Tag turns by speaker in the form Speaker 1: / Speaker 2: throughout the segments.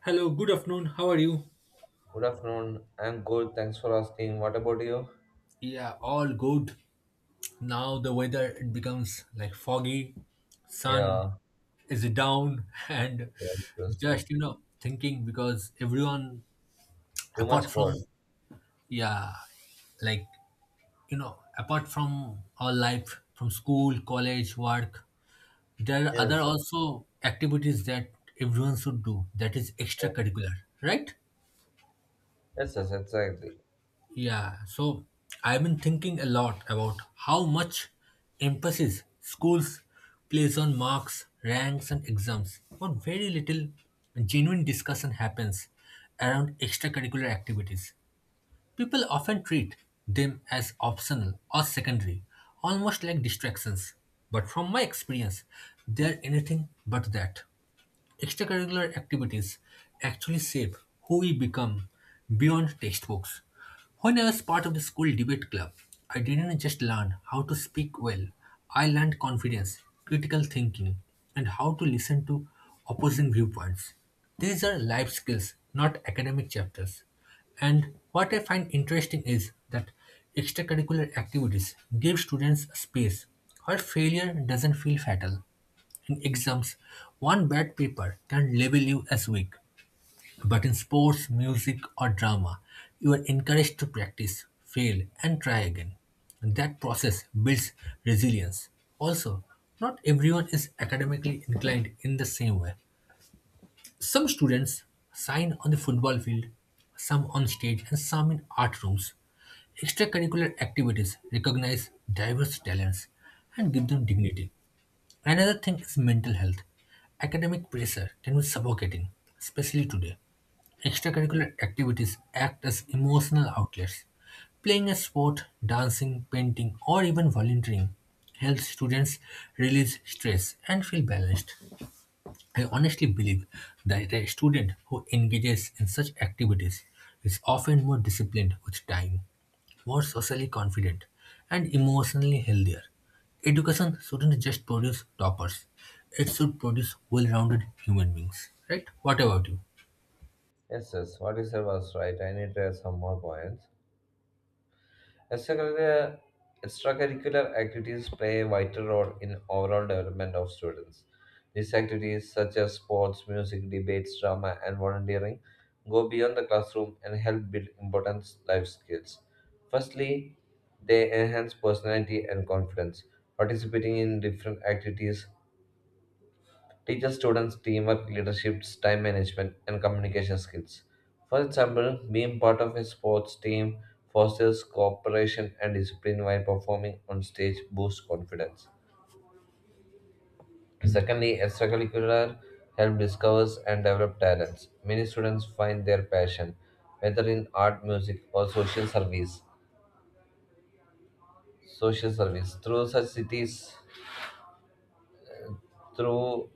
Speaker 1: Hello, good afternoon. How are you?
Speaker 2: Good afternoon. I'm good. Thanks for asking. What about you?
Speaker 1: Yeah, all good. Now the weather it becomes like foggy, sun
Speaker 2: Yeah.
Speaker 1: is down, and
Speaker 2: Yes, yes, yes.
Speaker 1: just thinking because everyone
Speaker 2: Too
Speaker 1: apart
Speaker 2: much
Speaker 1: from
Speaker 2: cold.
Speaker 1: yeah like apart from our life from school, college, work, there are other
Speaker 2: Yes.
Speaker 1: also activities that everyone should do that is
Speaker 2: Yes,
Speaker 1: extracurricular, right?
Speaker 2: yes, yes, exactly.
Speaker 1: Yeah, so I've been thinking a lot about how much emphasis schools place on marks, ranks, and exams, but very little genuine discussion happens around extracurricular activities. People often treat them as optional or secondary, almost like distractions. But from my experience, they're anything but that. Extracurricular activities actually shape who we become beyond textbooks. When I was part of the school debate club, I didn't just learn how to speak well, I learned confidence, critical thinking, and how to listen to opposing viewpoints. These are life skills, not academic chapters. And what I find interesting is that extracurricular activities give students a space where failure doesn't feel fatal. In exams, one bad paper can label you as weak. But in sports, music, or drama, you are encouraged to practice, fail, and try again. And that process builds resilience. Also, not everyone is academically inclined in the same way. Some students shine on the football field, some on stage, and some in art rooms. Extracurricular activities recognize diverse talents and give them dignity. Another thing is mental health. Academic pressure can be suffocating, especially today. Extracurricular activities act as emotional outlets. Playing a sport, dancing, painting, or even volunteering helps students release stress and feel balanced. I honestly believe that a student who engages in such activities is often more disciplined with time, more socially confident, and emotionally healthier. Education shouldn't just produce toppers, it should produce well rounded human beings, right? What about you?
Speaker 2: Yes, yes. What you said was right. I need to add some more points. As extracurricular activities play a vital role in overall development of students. These activities, such as sports, music, debates, drama, and volunteering, go beyond the classroom and help build important life skills. Firstly, they enhance personality and confidence. Participating in different activities teaches students teamwork, leadership, time management, and communication skills. For example, being part of a sports team fosters cooperation and discipline while performing on stage boosts confidence. Secondly, extracurricular help discovers and develop talents. Many students find their passion, whether in art, music, or social service. Social service through such cities, through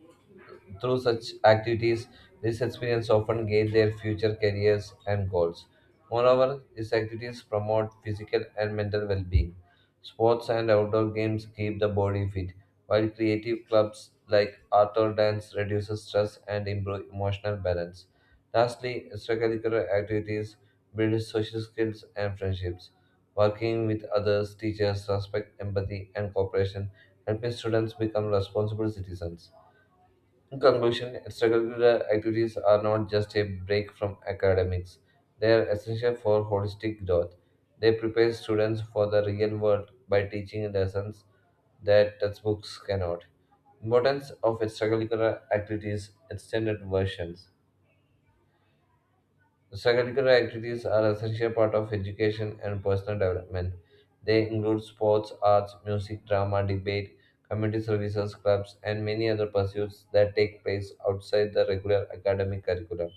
Speaker 2: Through such activities, these experience often guide their future careers and goals. Moreover, these activities promote physical and mental well being. Sports and outdoor games keep the body fit, while creative clubs like art or dance reduces stress and improve emotional balance. Lastly, extracurricular activities build social skills and friendships. Working with others teachers respect, empathy, and cooperation, helping students become responsible citizens. In conclusion, extracurricular activities are not just a break from academics, they are essential for holistic growth. They prepare students for the real world by teaching lessons that textbooks cannot. Importance of extracurricular activities, extended versions. Extracurricular activities are essential part of education and personal development. They include sports, arts, music, drama, debate, community services, clubs, and many other pursuits that take place outside the regular academic curriculum.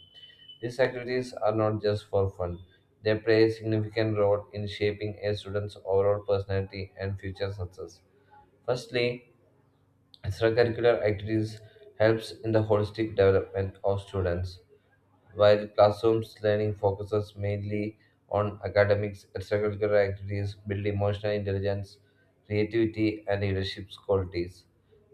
Speaker 2: These activities are not just for fun. They play a significant role in shaping a student's overall personality and future success. Firstly, extracurricular activities helps in the holistic development of students. While classrooms learning focuses mainly on academics, extracurricular activities build emotional intelligence, creativity, and leadership qualities.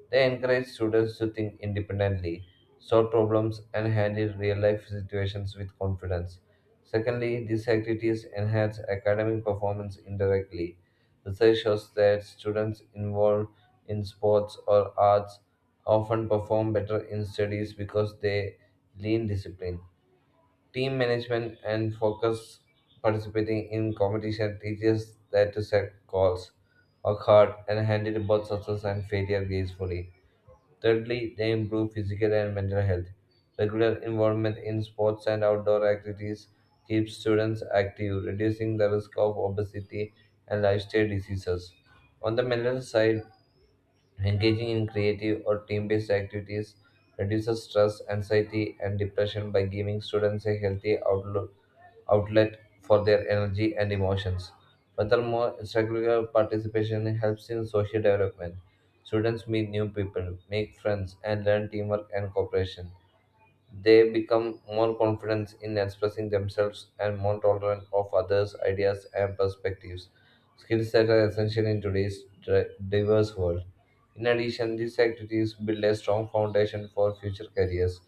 Speaker 2: They encourage students to think independently, solve problems, and handle real life situations with confidence. Secondly, these activities enhance academic performance indirectly. Research shows that students involved in sports or arts often perform better in studies because they lean discipline. Team management and focus participating in competition teaches that to set goals, work hard, and handle both success and failure gracefully. Thirdly, they improve physical and mental health. Regular involvement in sports and outdoor activities keeps students active, reducing the risk of obesity and lifestyle diseases. On the mental side, engaging in creative or team based activities reduces stress, anxiety, and depression by giving students a healthy outlook outlet for their energy and emotions. Furthermore, extracurricular participation helps in social development. Students meet new people, make friends, and learn teamwork and cooperation. They become more confident in expressing themselves and more tolerant of others' ideas and perspectives, skills that are essential in today's diverse world. In addition, these activities build a strong foundation for future careers.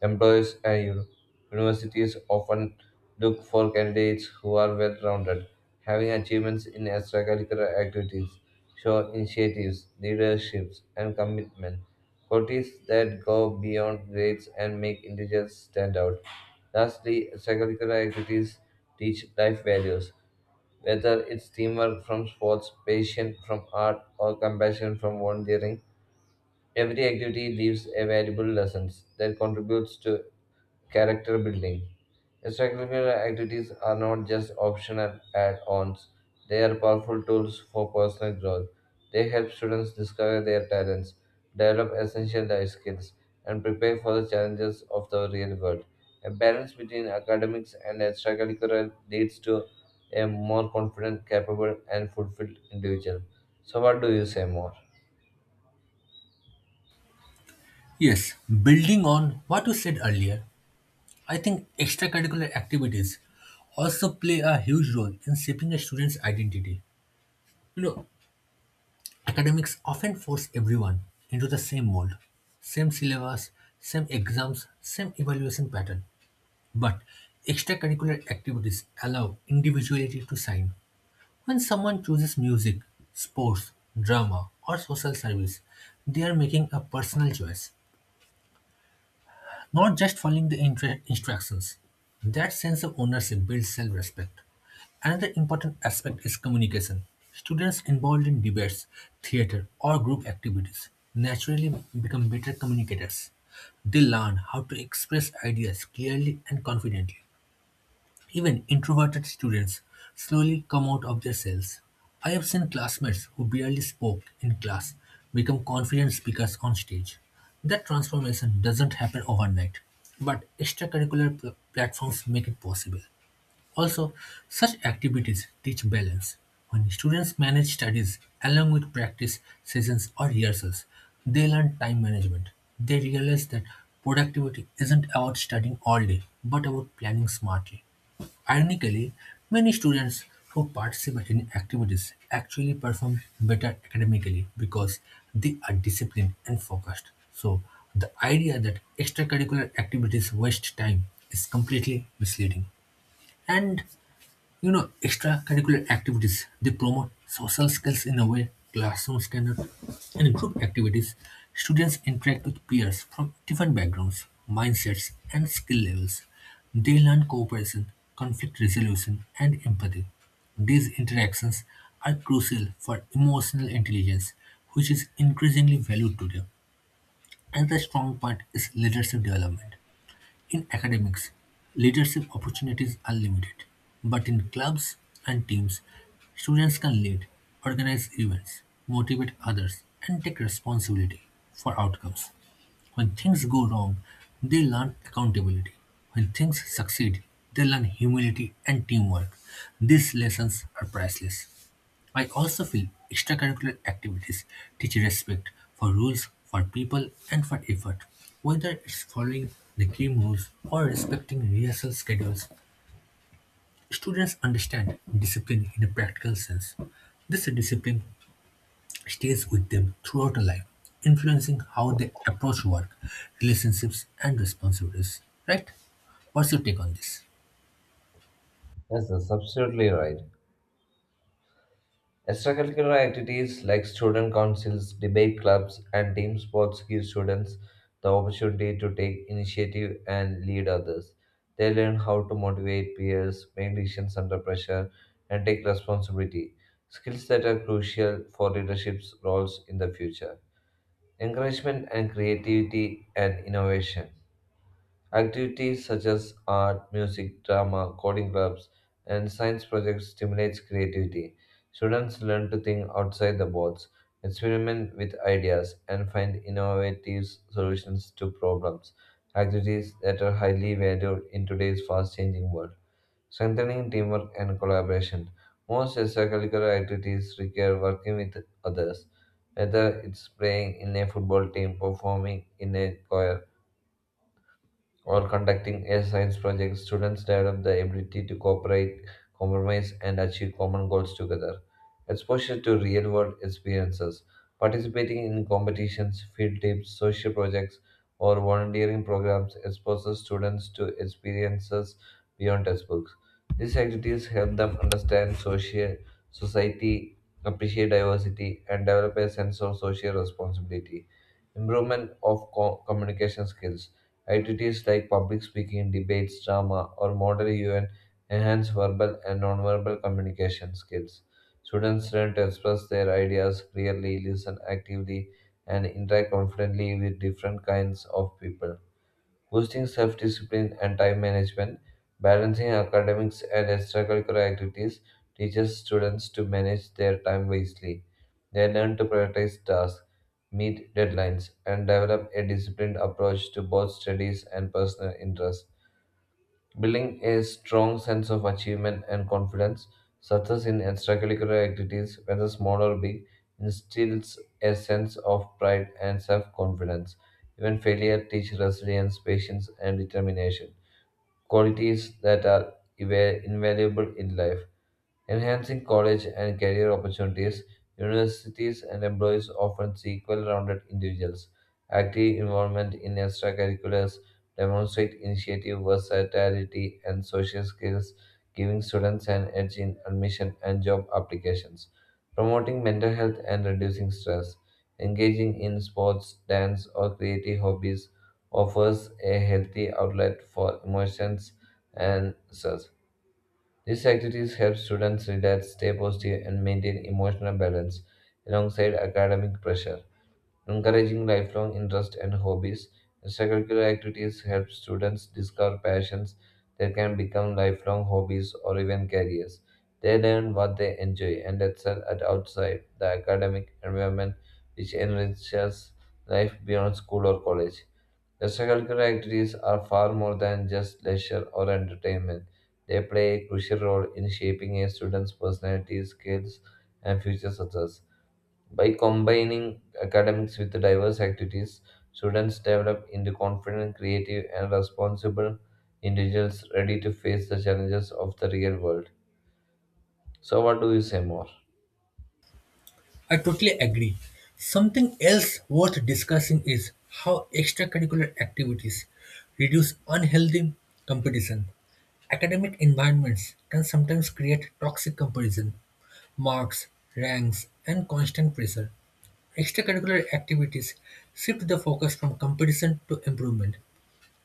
Speaker 2: Employers and universities often look for candidates who are well rounded. Having achievements in extracurricular activities show initiatives, leaderships, and commitment. Qualities that go beyond grades and make individuals stand out. Lastly, extracurricular activities teach life values, whether it's teamwork from sports, patience from art, or compassion from volunteering. Every activity leaves a valuable lessons that contributes to character building. Extracurricular activities are not just optional add ons, they are powerful tools for personal growth. They help students discover their talents, develop essential life skills, and prepare for the challenges of the real world. A balance between academics and extracurricular leads to a more confident, capable, and fulfilled individual. So, what do you say more?
Speaker 1: Yes, building on what you said earlier, I think extracurricular activities also play a huge role in shaping a student's identity. You know, academics often force everyone into the same mold, same syllabus, same exams, same evaluation pattern. But extracurricular activities allow individuality to shine. When someone chooses music, sports, drama, or social service, they are making a personal choice, not just following the instructions. That sense of ownership builds self respect. Another important aspect is communication. Students involved in debates, theater, or group activities naturally become better communicators. They learn how to express ideas clearly and confidently. Even introverted students slowly come out of their cells. I have seen classmates who barely spoke in class become confident speakers on stage. That transformation doesn't happen overnight, but extracurricular platforms make it possible. Also, such activities teach balance. When students manage studies along with practice sessions or rehearsals, they learn time management. They realize that productivity isn't about studying all day, but about planning smartly. Ironically, many students who participate in activities actually perform better academically because they are disciplined and focused. So, the idea that extracurricular activities waste time is completely misleading. And you know, extracurricular activities, they promote social skills in a way classrooms cannot. In group activities, students interact with peers from different backgrounds, mindsets, and skill levels. They learn cooperation, conflict resolution, and empathy. These interactions are crucial for emotional intelligence, which is increasingly valued today. Another strong part is leadership development. In academics, leadership opportunities are limited, but in clubs and teams, students can lead, organize events, motivate others, and take responsibility for outcomes. When things go wrong, they learn accountability. When things succeed, they learn humility and teamwork. These lessons are priceless. I also feel extracurricular activities teach respect for rules, for people, and for effort. Whether it's following the game rules or respecting rehearsal schedules, students understand discipline in a practical sense. This discipline stays with them throughout their life, influencing how they approach work, relationships, and responsibilities. Right? What's your take on this?
Speaker 2: Yes, that's absolutely right. Extracurricular activities like student councils, debate clubs, and team sports give students the opportunity to take initiative and lead others. They learn how to motivate peers, make decisions under pressure, and take responsibility, skills that are crucial for leadership roles in the future. Encouragement and creativity and innovation. Activities such as art, music, drama, coding clubs, and science projects stimulates creativity. Students learn to think outside the box, experiment with ideas, and find innovative solutions to problems. Activities that are highly valued in today's fast-changing world. Strengthening teamwork and collaboration. Most extracurricular activities require working with others, whether it's playing in a football team, performing in a choir, or conducting a science project, students develop the ability to cooperate, compromise, and achieve common goals together. Exposure to real world experiences, participating in competitions, field trips, social projects, or volunteering programs exposes students to experiences beyond textbooks. These activities help them understand social society, appreciate diversity, and develop a sense of social responsibility. Improvement of communication skills. Activities like public speaking, debates, drama, or model UN enhance verbal and nonverbal communication skills. Students learn to express their ideas clearly, listen actively, and interact confidently with different kinds of people boosting self discipline and time management, balancing academics and extracurricular activities teaches students to manage their time wisely. They learn to prioritize tasks, meet deadlines, and develop a disciplined approach to both studies and personal interests building a strong sense of achievement and confidence, success in extracurricular activities, whether small or big, instills a sense of pride and self confidence. Even failure teaches resilience, patience, and determination, qualities that are invaluable in life. Enhancing college and career opportunities, universities and employees often seek well rounded individuals. Active involvement in extracurriculars demonstrate initiative, versatility, and social skills, giving students an edge in admission and job applications. Promoting mental health and reducing stress. Engaging in sports, dance, or creative hobbies offers a healthy outlet for emotions and stress. These activities help students relax, stay positive, and maintain emotional balance alongside academic pressure. Encouraging lifelong interests and hobbies, extracurricular activities help students discover passions that can become lifelong hobbies or even careers. They learn what they enjoy and excel at outside the academic environment, which enriches life beyond school or college. Extracurricular activities are far more than just leisure or entertainment. They play a crucial role in shaping a student's personality, skills, and future success. By combining academics with diverse activities, students develop into confident, creative, and responsible individuals ready to face the challenges of the real world. So, what do you say more?
Speaker 1: I totally agree. Something else worth discussing is how extracurricular activities reduce unhealthy competition. Academic environments can sometimes create toxic comparison, marks, ranks, and constant pressure. Extracurricular activities shift the focus from competition to improvement.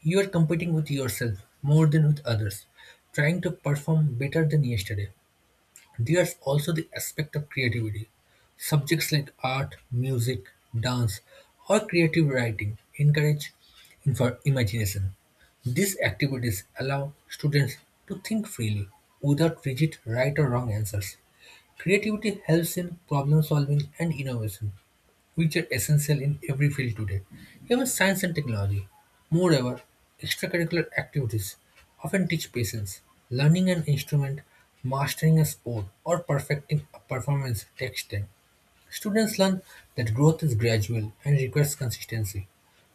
Speaker 1: You are competing with yourself more than with others, trying to perform better than yesterday. There's also the aspect of creativity. Subjects like art, music, dance, or creative writing encourage imagination. These activities allow students to think freely without rigid right or wrong answers. Creativity helps in problem solving and innovation, which are essential in every field today, even science and technology. Moreover, extracurricular activities often teach patience. Learning an instrument, mastering a sport, or perfecting a performance takes time. Students learn that growth is gradual and requires consistency.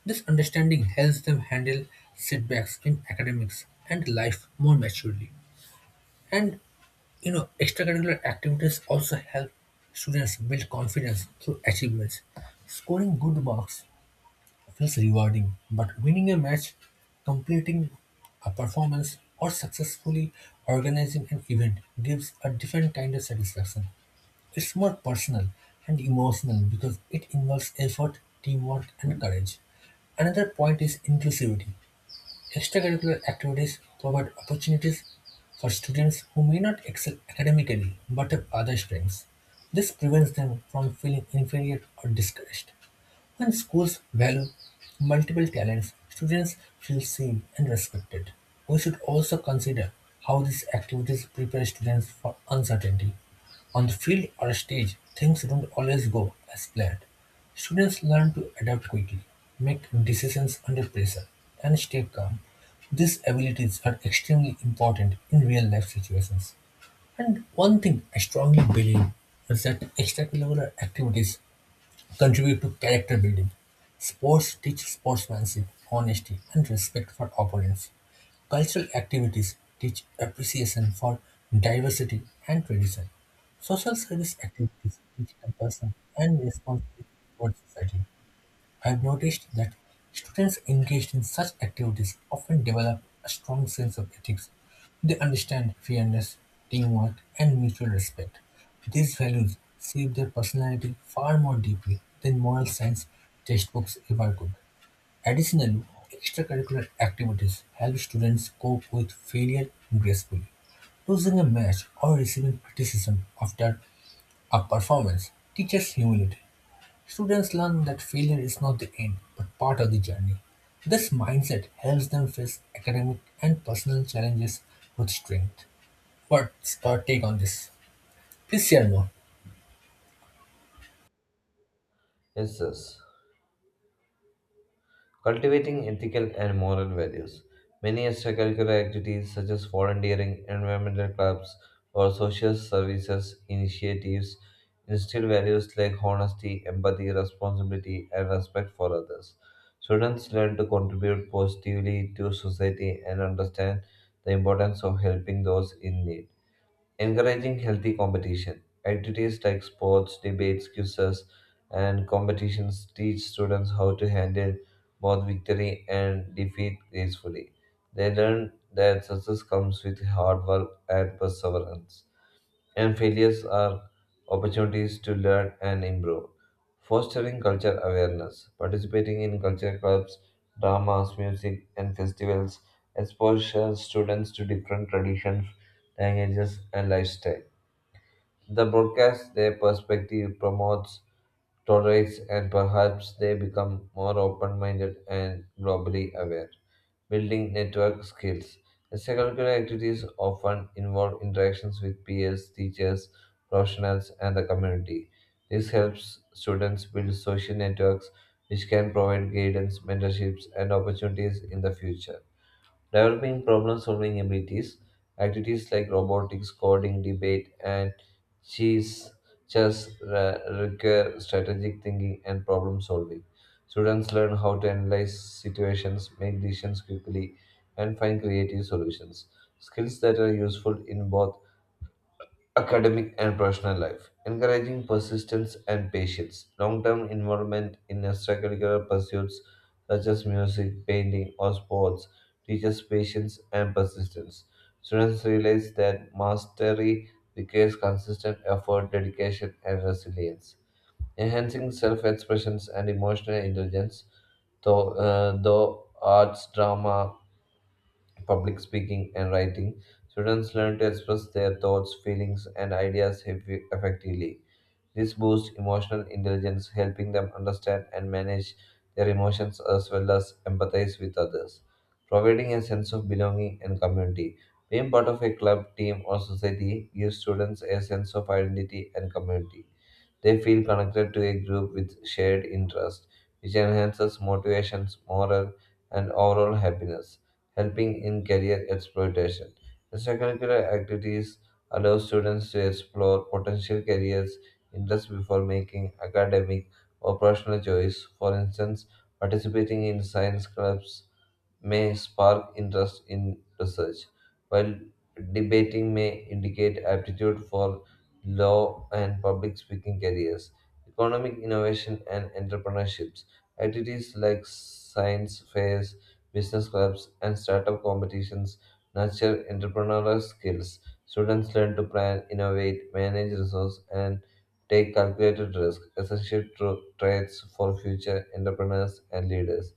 Speaker 1: This understanding helps them handle setbacks in academics and life more maturely. And you know, extracurricular activities also help students build confidence through achievements. Scoring good marks feels rewarding, but winning a match, completing a performance, or successfully organizing an event gives a different kind of satisfaction. It's more personal and emotional because it involves effort, teamwork, and courage. Another point is inclusivity. Extracurricular activities provide opportunities for students who may not excel academically but have other strengths. This prevents them from feeling inferior or discouraged. When schools value multiple talents, students feel seen and respected. We should also consider how these activities prepare students for uncertainty. On the field or stage, things don't always go as planned. Students learn to adapt quickly, make decisions under pressure, and stay calm. These abilities are extremely important in real life situations. And one thing I strongly believe is that extracurricular activities contribute to character building. Sports teach sportsmanship, honesty, and respect for opponents. Cultural activities teach appreciation for diversity and tradition. Social service activities teach compassion and responsibility towards society. I've noticed that students engaged in such activities often develop a strong sense of ethics. They understand fairness, teamwork, and mutual respect. These values shape their personality far more deeply than moral science textbooks ever could. Additionally, extracurricular activities help students cope with failure gracefully. Losing a match or receiving criticism after a performance teaches humility. Students learn that failure is not the end, but part of the journey. This mindset helps them face academic and personal challenges with strength. What's your take on this? Please share more.
Speaker 2: Yes, yes. Cultivating ethical and moral values. Many extracurricular activities such as volunteering, environmental clubs, or social services initiatives instill values like honesty, empathy, responsibility, and respect for others. Students learn to contribute positively to society and understand the importance of helping those in need. Encouraging healthy competition. Activities like sports, debates, quizzes, and competitions teach students how to handle both victory and defeat gracefully. They learn that success comes with hard work and perseverance and failures are opportunities to learn and improve. Fostering culture awareness, participating in culture clubs, dramas, music, and festivals exposes students to different traditions, languages, and lifestyle. The broadcast their perspective, promotes, tolerates, and perhaps they become more open minded and globally aware. Building network skills. Extracurricular activities often involve interactions with peers, teachers, professionals, and the community. This helps students build social networks which can provide guidance, mentorships, and opportunities in the future. Developing problem solving abilities, activities like robotics, coding, debate, and chess require strategic thinking and problem solving. Students learn how to analyze situations, make decisions quickly, and find creative solutions. Skills that are useful in both academic and personal life, encouraging persistence and patience. Long term involvement in extracurricular pursuits such as music, painting, or sports teaches patience and persistence. Students realize that mastery requires consistent effort, dedication, and resilience. Enhancing self expressions and emotional intelligence, though arts, drama, public speaking, and writing, students learn to express their thoughts, feelings, and ideas effectively. This boosts emotional intelligence, helping them understand and manage their emotions as well as empathize with others, providing a sense of belonging and community. Being part of a club, team, or society gives students a sense of identity and community. They feel connected to a group with shared interests, which enhances motivation, morale, and overall happiness, helping in career exploitation. Extracurricular activities allow students to explore potential careers interests before making academic or personal choice. For instance, participating in science clubs may spark interest in research, while debating may indicate aptitude for law and public speaking careers, economic innovation and entrepreneurships, activities like science fairs, business clubs, and startup competitions nurture entrepreneurial skills. Students learn to plan, innovate, manage resources, and take calculated risks, essential traits for future entrepreneurs and leaders.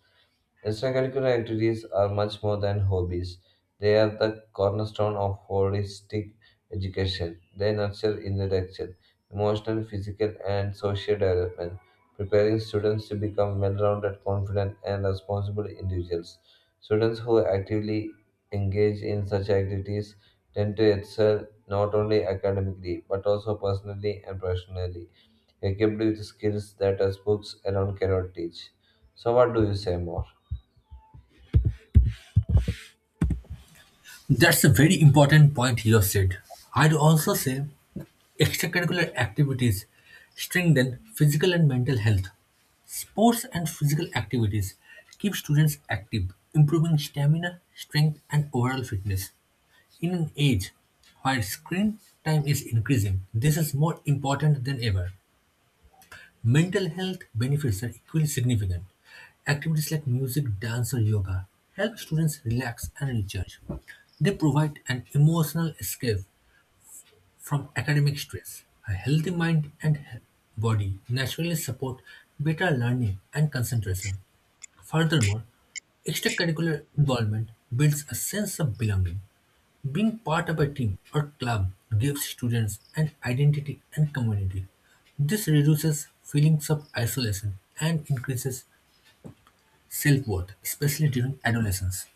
Speaker 2: Extracurricular activities are much more than hobbies. They are the cornerstone of holistic education. They nurture intellectual, emotional, physical, and social development, preparing students to become well rounded, confident, and responsible individuals. Students who actively engage in such activities tend to excel not only academically but also personally and professionally, equipped with skills that textbooks alone cannot teach. So, what do you say more?
Speaker 1: That's a very important point you have said. I'd also say extracurricular activities strengthen physical and mental health. Sports and physical activities keep students active, improving stamina, strength, and overall fitness. In an age where screen time is increasing, this is more important than ever. Mental health benefits are equally significant. Activities like music, dance, or yoga help students relax and recharge. They provide an emotional escape from academic stress. A healthy mind and body naturally support better learning and concentration. Furthermore, extracurricular involvement builds a sense of belonging. Being part of a team or club gives students an identity and community. This reduces feelings of isolation and increases self-worth, especially during adolescence.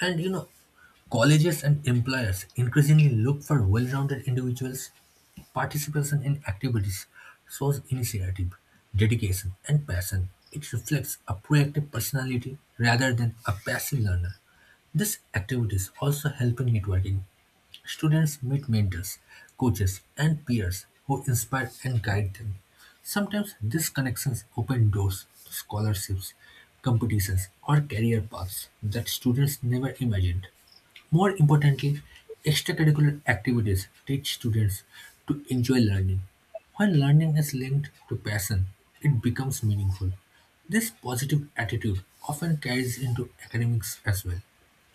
Speaker 1: And you know, colleges and employers increasingly look for well-rounded individuals. Participation in activities shows initiative, dedication, and passion. It reflects a proactive personality rather than a passive learner. These activities also help in networking. Students meet mentors, coaches, and peers who inspire and guide them. Sometimes these connections open doors to scholarships, competitions, or career paths that students never imagined. More importantly, extracurricular activities teach students to enjoy learning. When learning is linked to passion, it becomes meaningful. This positive attitude often carries into academics as well,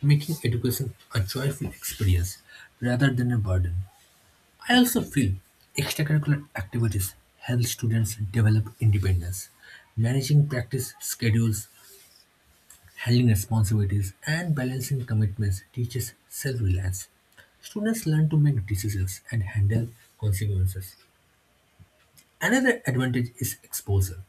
Speaker 1: making education a joyful experience rather than a burden. I also feel extracurricular activities help students develop independence. Managing practice schedules, handling responsibilities and balancing commitments teaches self reliance. Students learn to make decisions and handle consequences. Another advantage is exposure.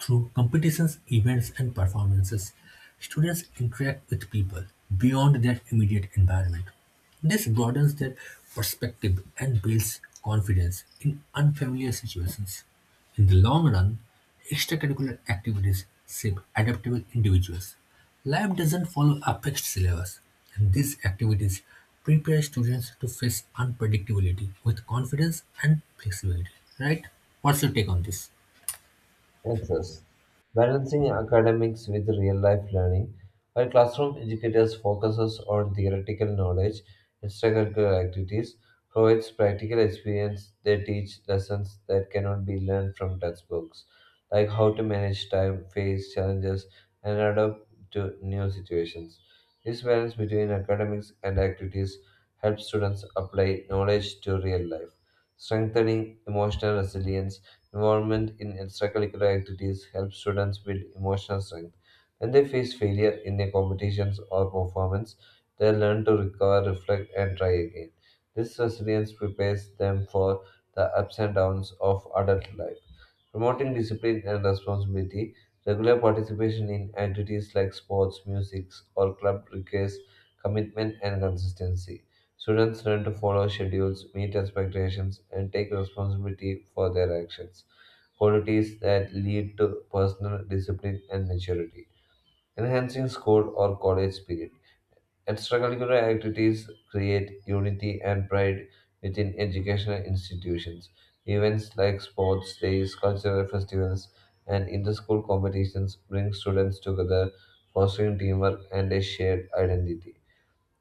Speaker 1: Through competitions, events, and performances, students interact with people beyond their immediate environment. This broadens their perspective and builds confidence in unfamiliar situations. In the long run, extracurricular activities shape adaptable individuals. Life doesn't follow a fixed syllabus, and these activities prepare students to face unpredictability with confidence and flexibility. Right? What's your take on this?
Speaker 2: Answers. Balancing academics with real-life learning. While classroom educators focuses on theoretical knowledge, extracurricular activities provides practical experience. They teach lessons that cannot be learned from textbooks, like how to manage time, face challenges, and adapt to new situations. This balance between academics and activities helps students apply knowledge to real life, strengthening emotional resilience. Involvement in extracurricular activities helps students build emotional strength. When they face failure in their competitions or performance, they learn to recover, reflect, and try again. This resilience prepares them for the ups and downs of adult life. Promoting discipline and responsibility, regular participation in activities like sports, music, or club requires commitment and consistency. Students learn to follow schedules, meet expectations, and take responsibility for their actions, qualities that lead to personal discipline and maturity, enhancing school or college spirit. Extracurricular activities create unity and pride within educational institutions. Events like sports days, cultural festivals, and inter school competitions bring students together, fostering teamwork and a shared identity.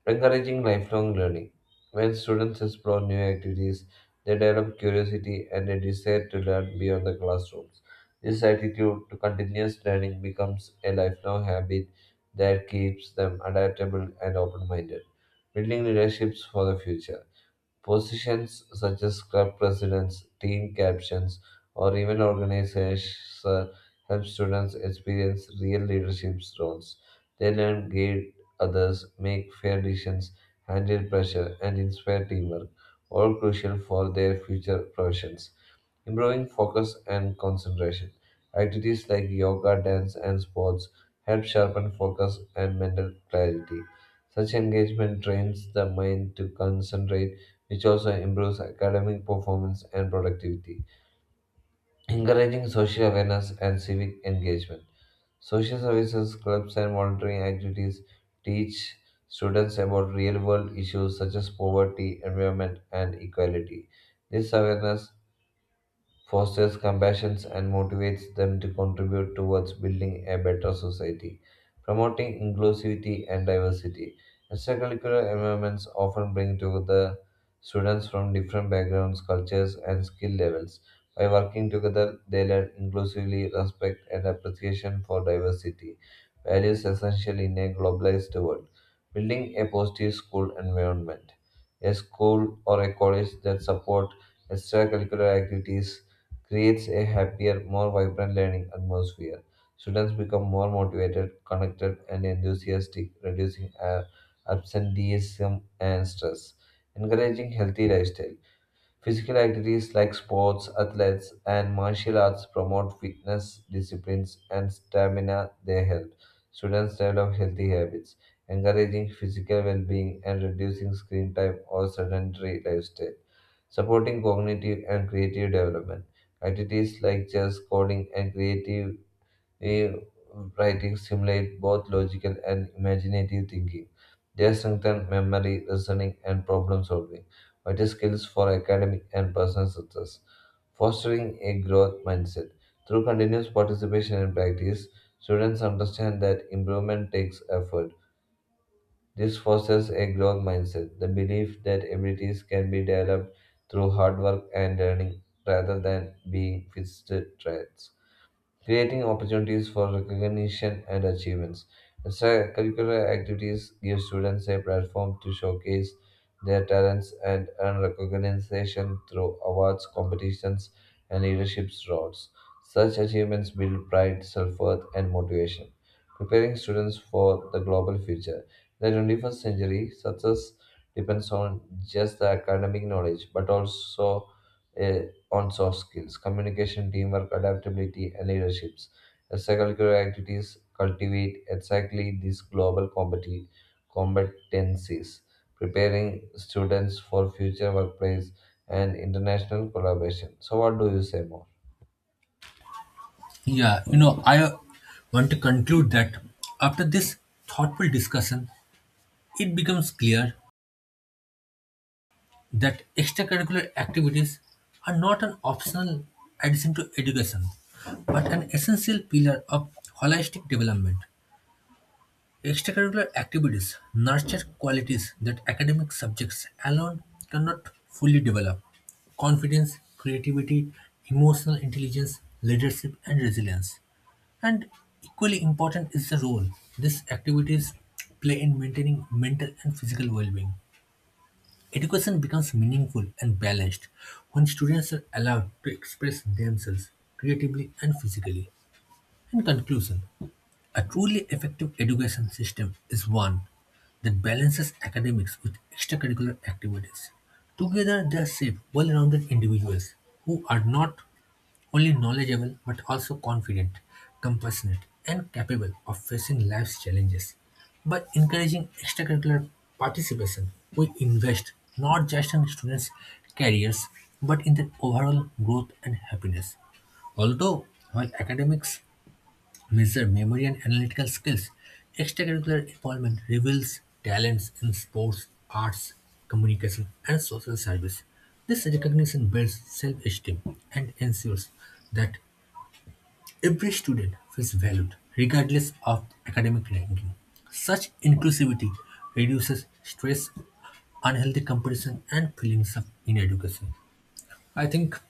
Speaker 2: Encouraging lifelong learning. When students explore new activities, they develop curiosity and a desire to learn beyond the classrooms. This attitude to continuous learning becomes a lifelong habit that keeps them adaptable and open minded, building relationships for the future. Positions such as club presidents, team captains, or even organizers help students experience real leadership roles. They learn guide others, make fair decisions, handle pressure, and inspire teamwork, all crucial for their future professions. Improving focus and concentration. Activities like yoga, dance, and sports help sharpen focus and mental clarity. Such engagement trains the mind to concentrate, which also improves academic performance and productivity. Encouraging social awareness and civic engagement. Social services, clubs, and volunteering activities teach students about real world issues such as poverty, environment, and equality. This awareness fosters compassion, and motivates them to contribute towards building a better society, promoting inclusivity and diversity. Extracurricular environments often bring together students from different backgrounds, cultures, and skill levels. By working together, they learn inclusively respect and appreciation for diversity, values essential in a globalized world. Building a positive school environment. A school or a college that support extracurricular activities creates a happier, more vibrant learning atmosphere. Students become more motivated, connected, and enthusiastic, reducing absenteeism and stress. Encouraging healthy lifestyle. Physical activities like sports, athletes, and martial arts promote fitness, disciplines, and stamina. They help students develop healthy habits, encouraging physical well-being and reducing screen time or sedentary lifestyle, supporting cognitive and creative development. Activities like chess, coding, and creative eh, writing stimulate both logical and imaginative thinking. They strengthen memory, reasoning, and problem solving, vital skills for academic and personal success. Fostering a growth mindset. Through continuous participation and practice, students understand that improvement takes effort. This fosters a growth mindset, the belief that abilities can be developed through hard work and learning rather than being fixed traits, creating opportunities for recognition and achievements. Extracurricular activities give students a platform to showcase their talents and earn recognition through awards, competitions, and leadership roles. Such achievements build pride, self worth, and motivation, preparing students for the global future. In the 21st century, success depends on just the academic knowledge, but also uh, on soft skills, communication, teamwork, adaptability, and leaderships. Extracurricular activities cultivate exactly these competencies, preparing students for future workplace and international collaboration. So, what do you say more?
Speaker 1: Yeah, you know, I want to conclude that after this thoughtful discussion, it becomes clear that extracurricular activities are not an optional addition to education, but an essential pillar of holistic development. Extracurricular activities nurture qualities that academic subjects alone cannot fully develop confidence, creativity, emotional intelligence, leadership, and resilience. And equally important is the role these activities play in maintaining mental and physical well being. Education becomes meaningful and balanced when students are allowed to express themselves creatively and physically. In conclusion, a truly effective education system is one that balances academics with extracurricular activities. Together, they shape well rounded individuals who are not only knowledgeable but also confident, compassionate, and capable of facing life's challenges. By encouraging extracurricular participation, we invest not just in students' careers but in their overall growth and happiness. Although, while academics measure memory and analytical skills. Extracurricular involvement reveals talents in sports, arts, communication, and social service. This recognition builds self esteem and ensures that every student feels valued, regardless of academic ranking. Such inclusivity reduces stress, unhealthy competition, and feelings of inadequacy. I think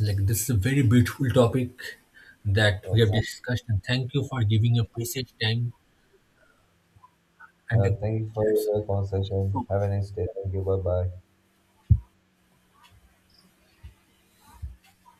Speaker 1: this is a very beautiful topic that we have
Speaker 2: Yes.
Speaker 1: discussed, and thank you for giving your precious time and a
Speaker 2: Thank you for
Speaker 1: chats.
Speaker 2: your
Speaker 1: Thank you so
Speaker 2: conversation. Have a
Speaker 1: much.
Speaker 2: nice day. Thank you. Bye bye.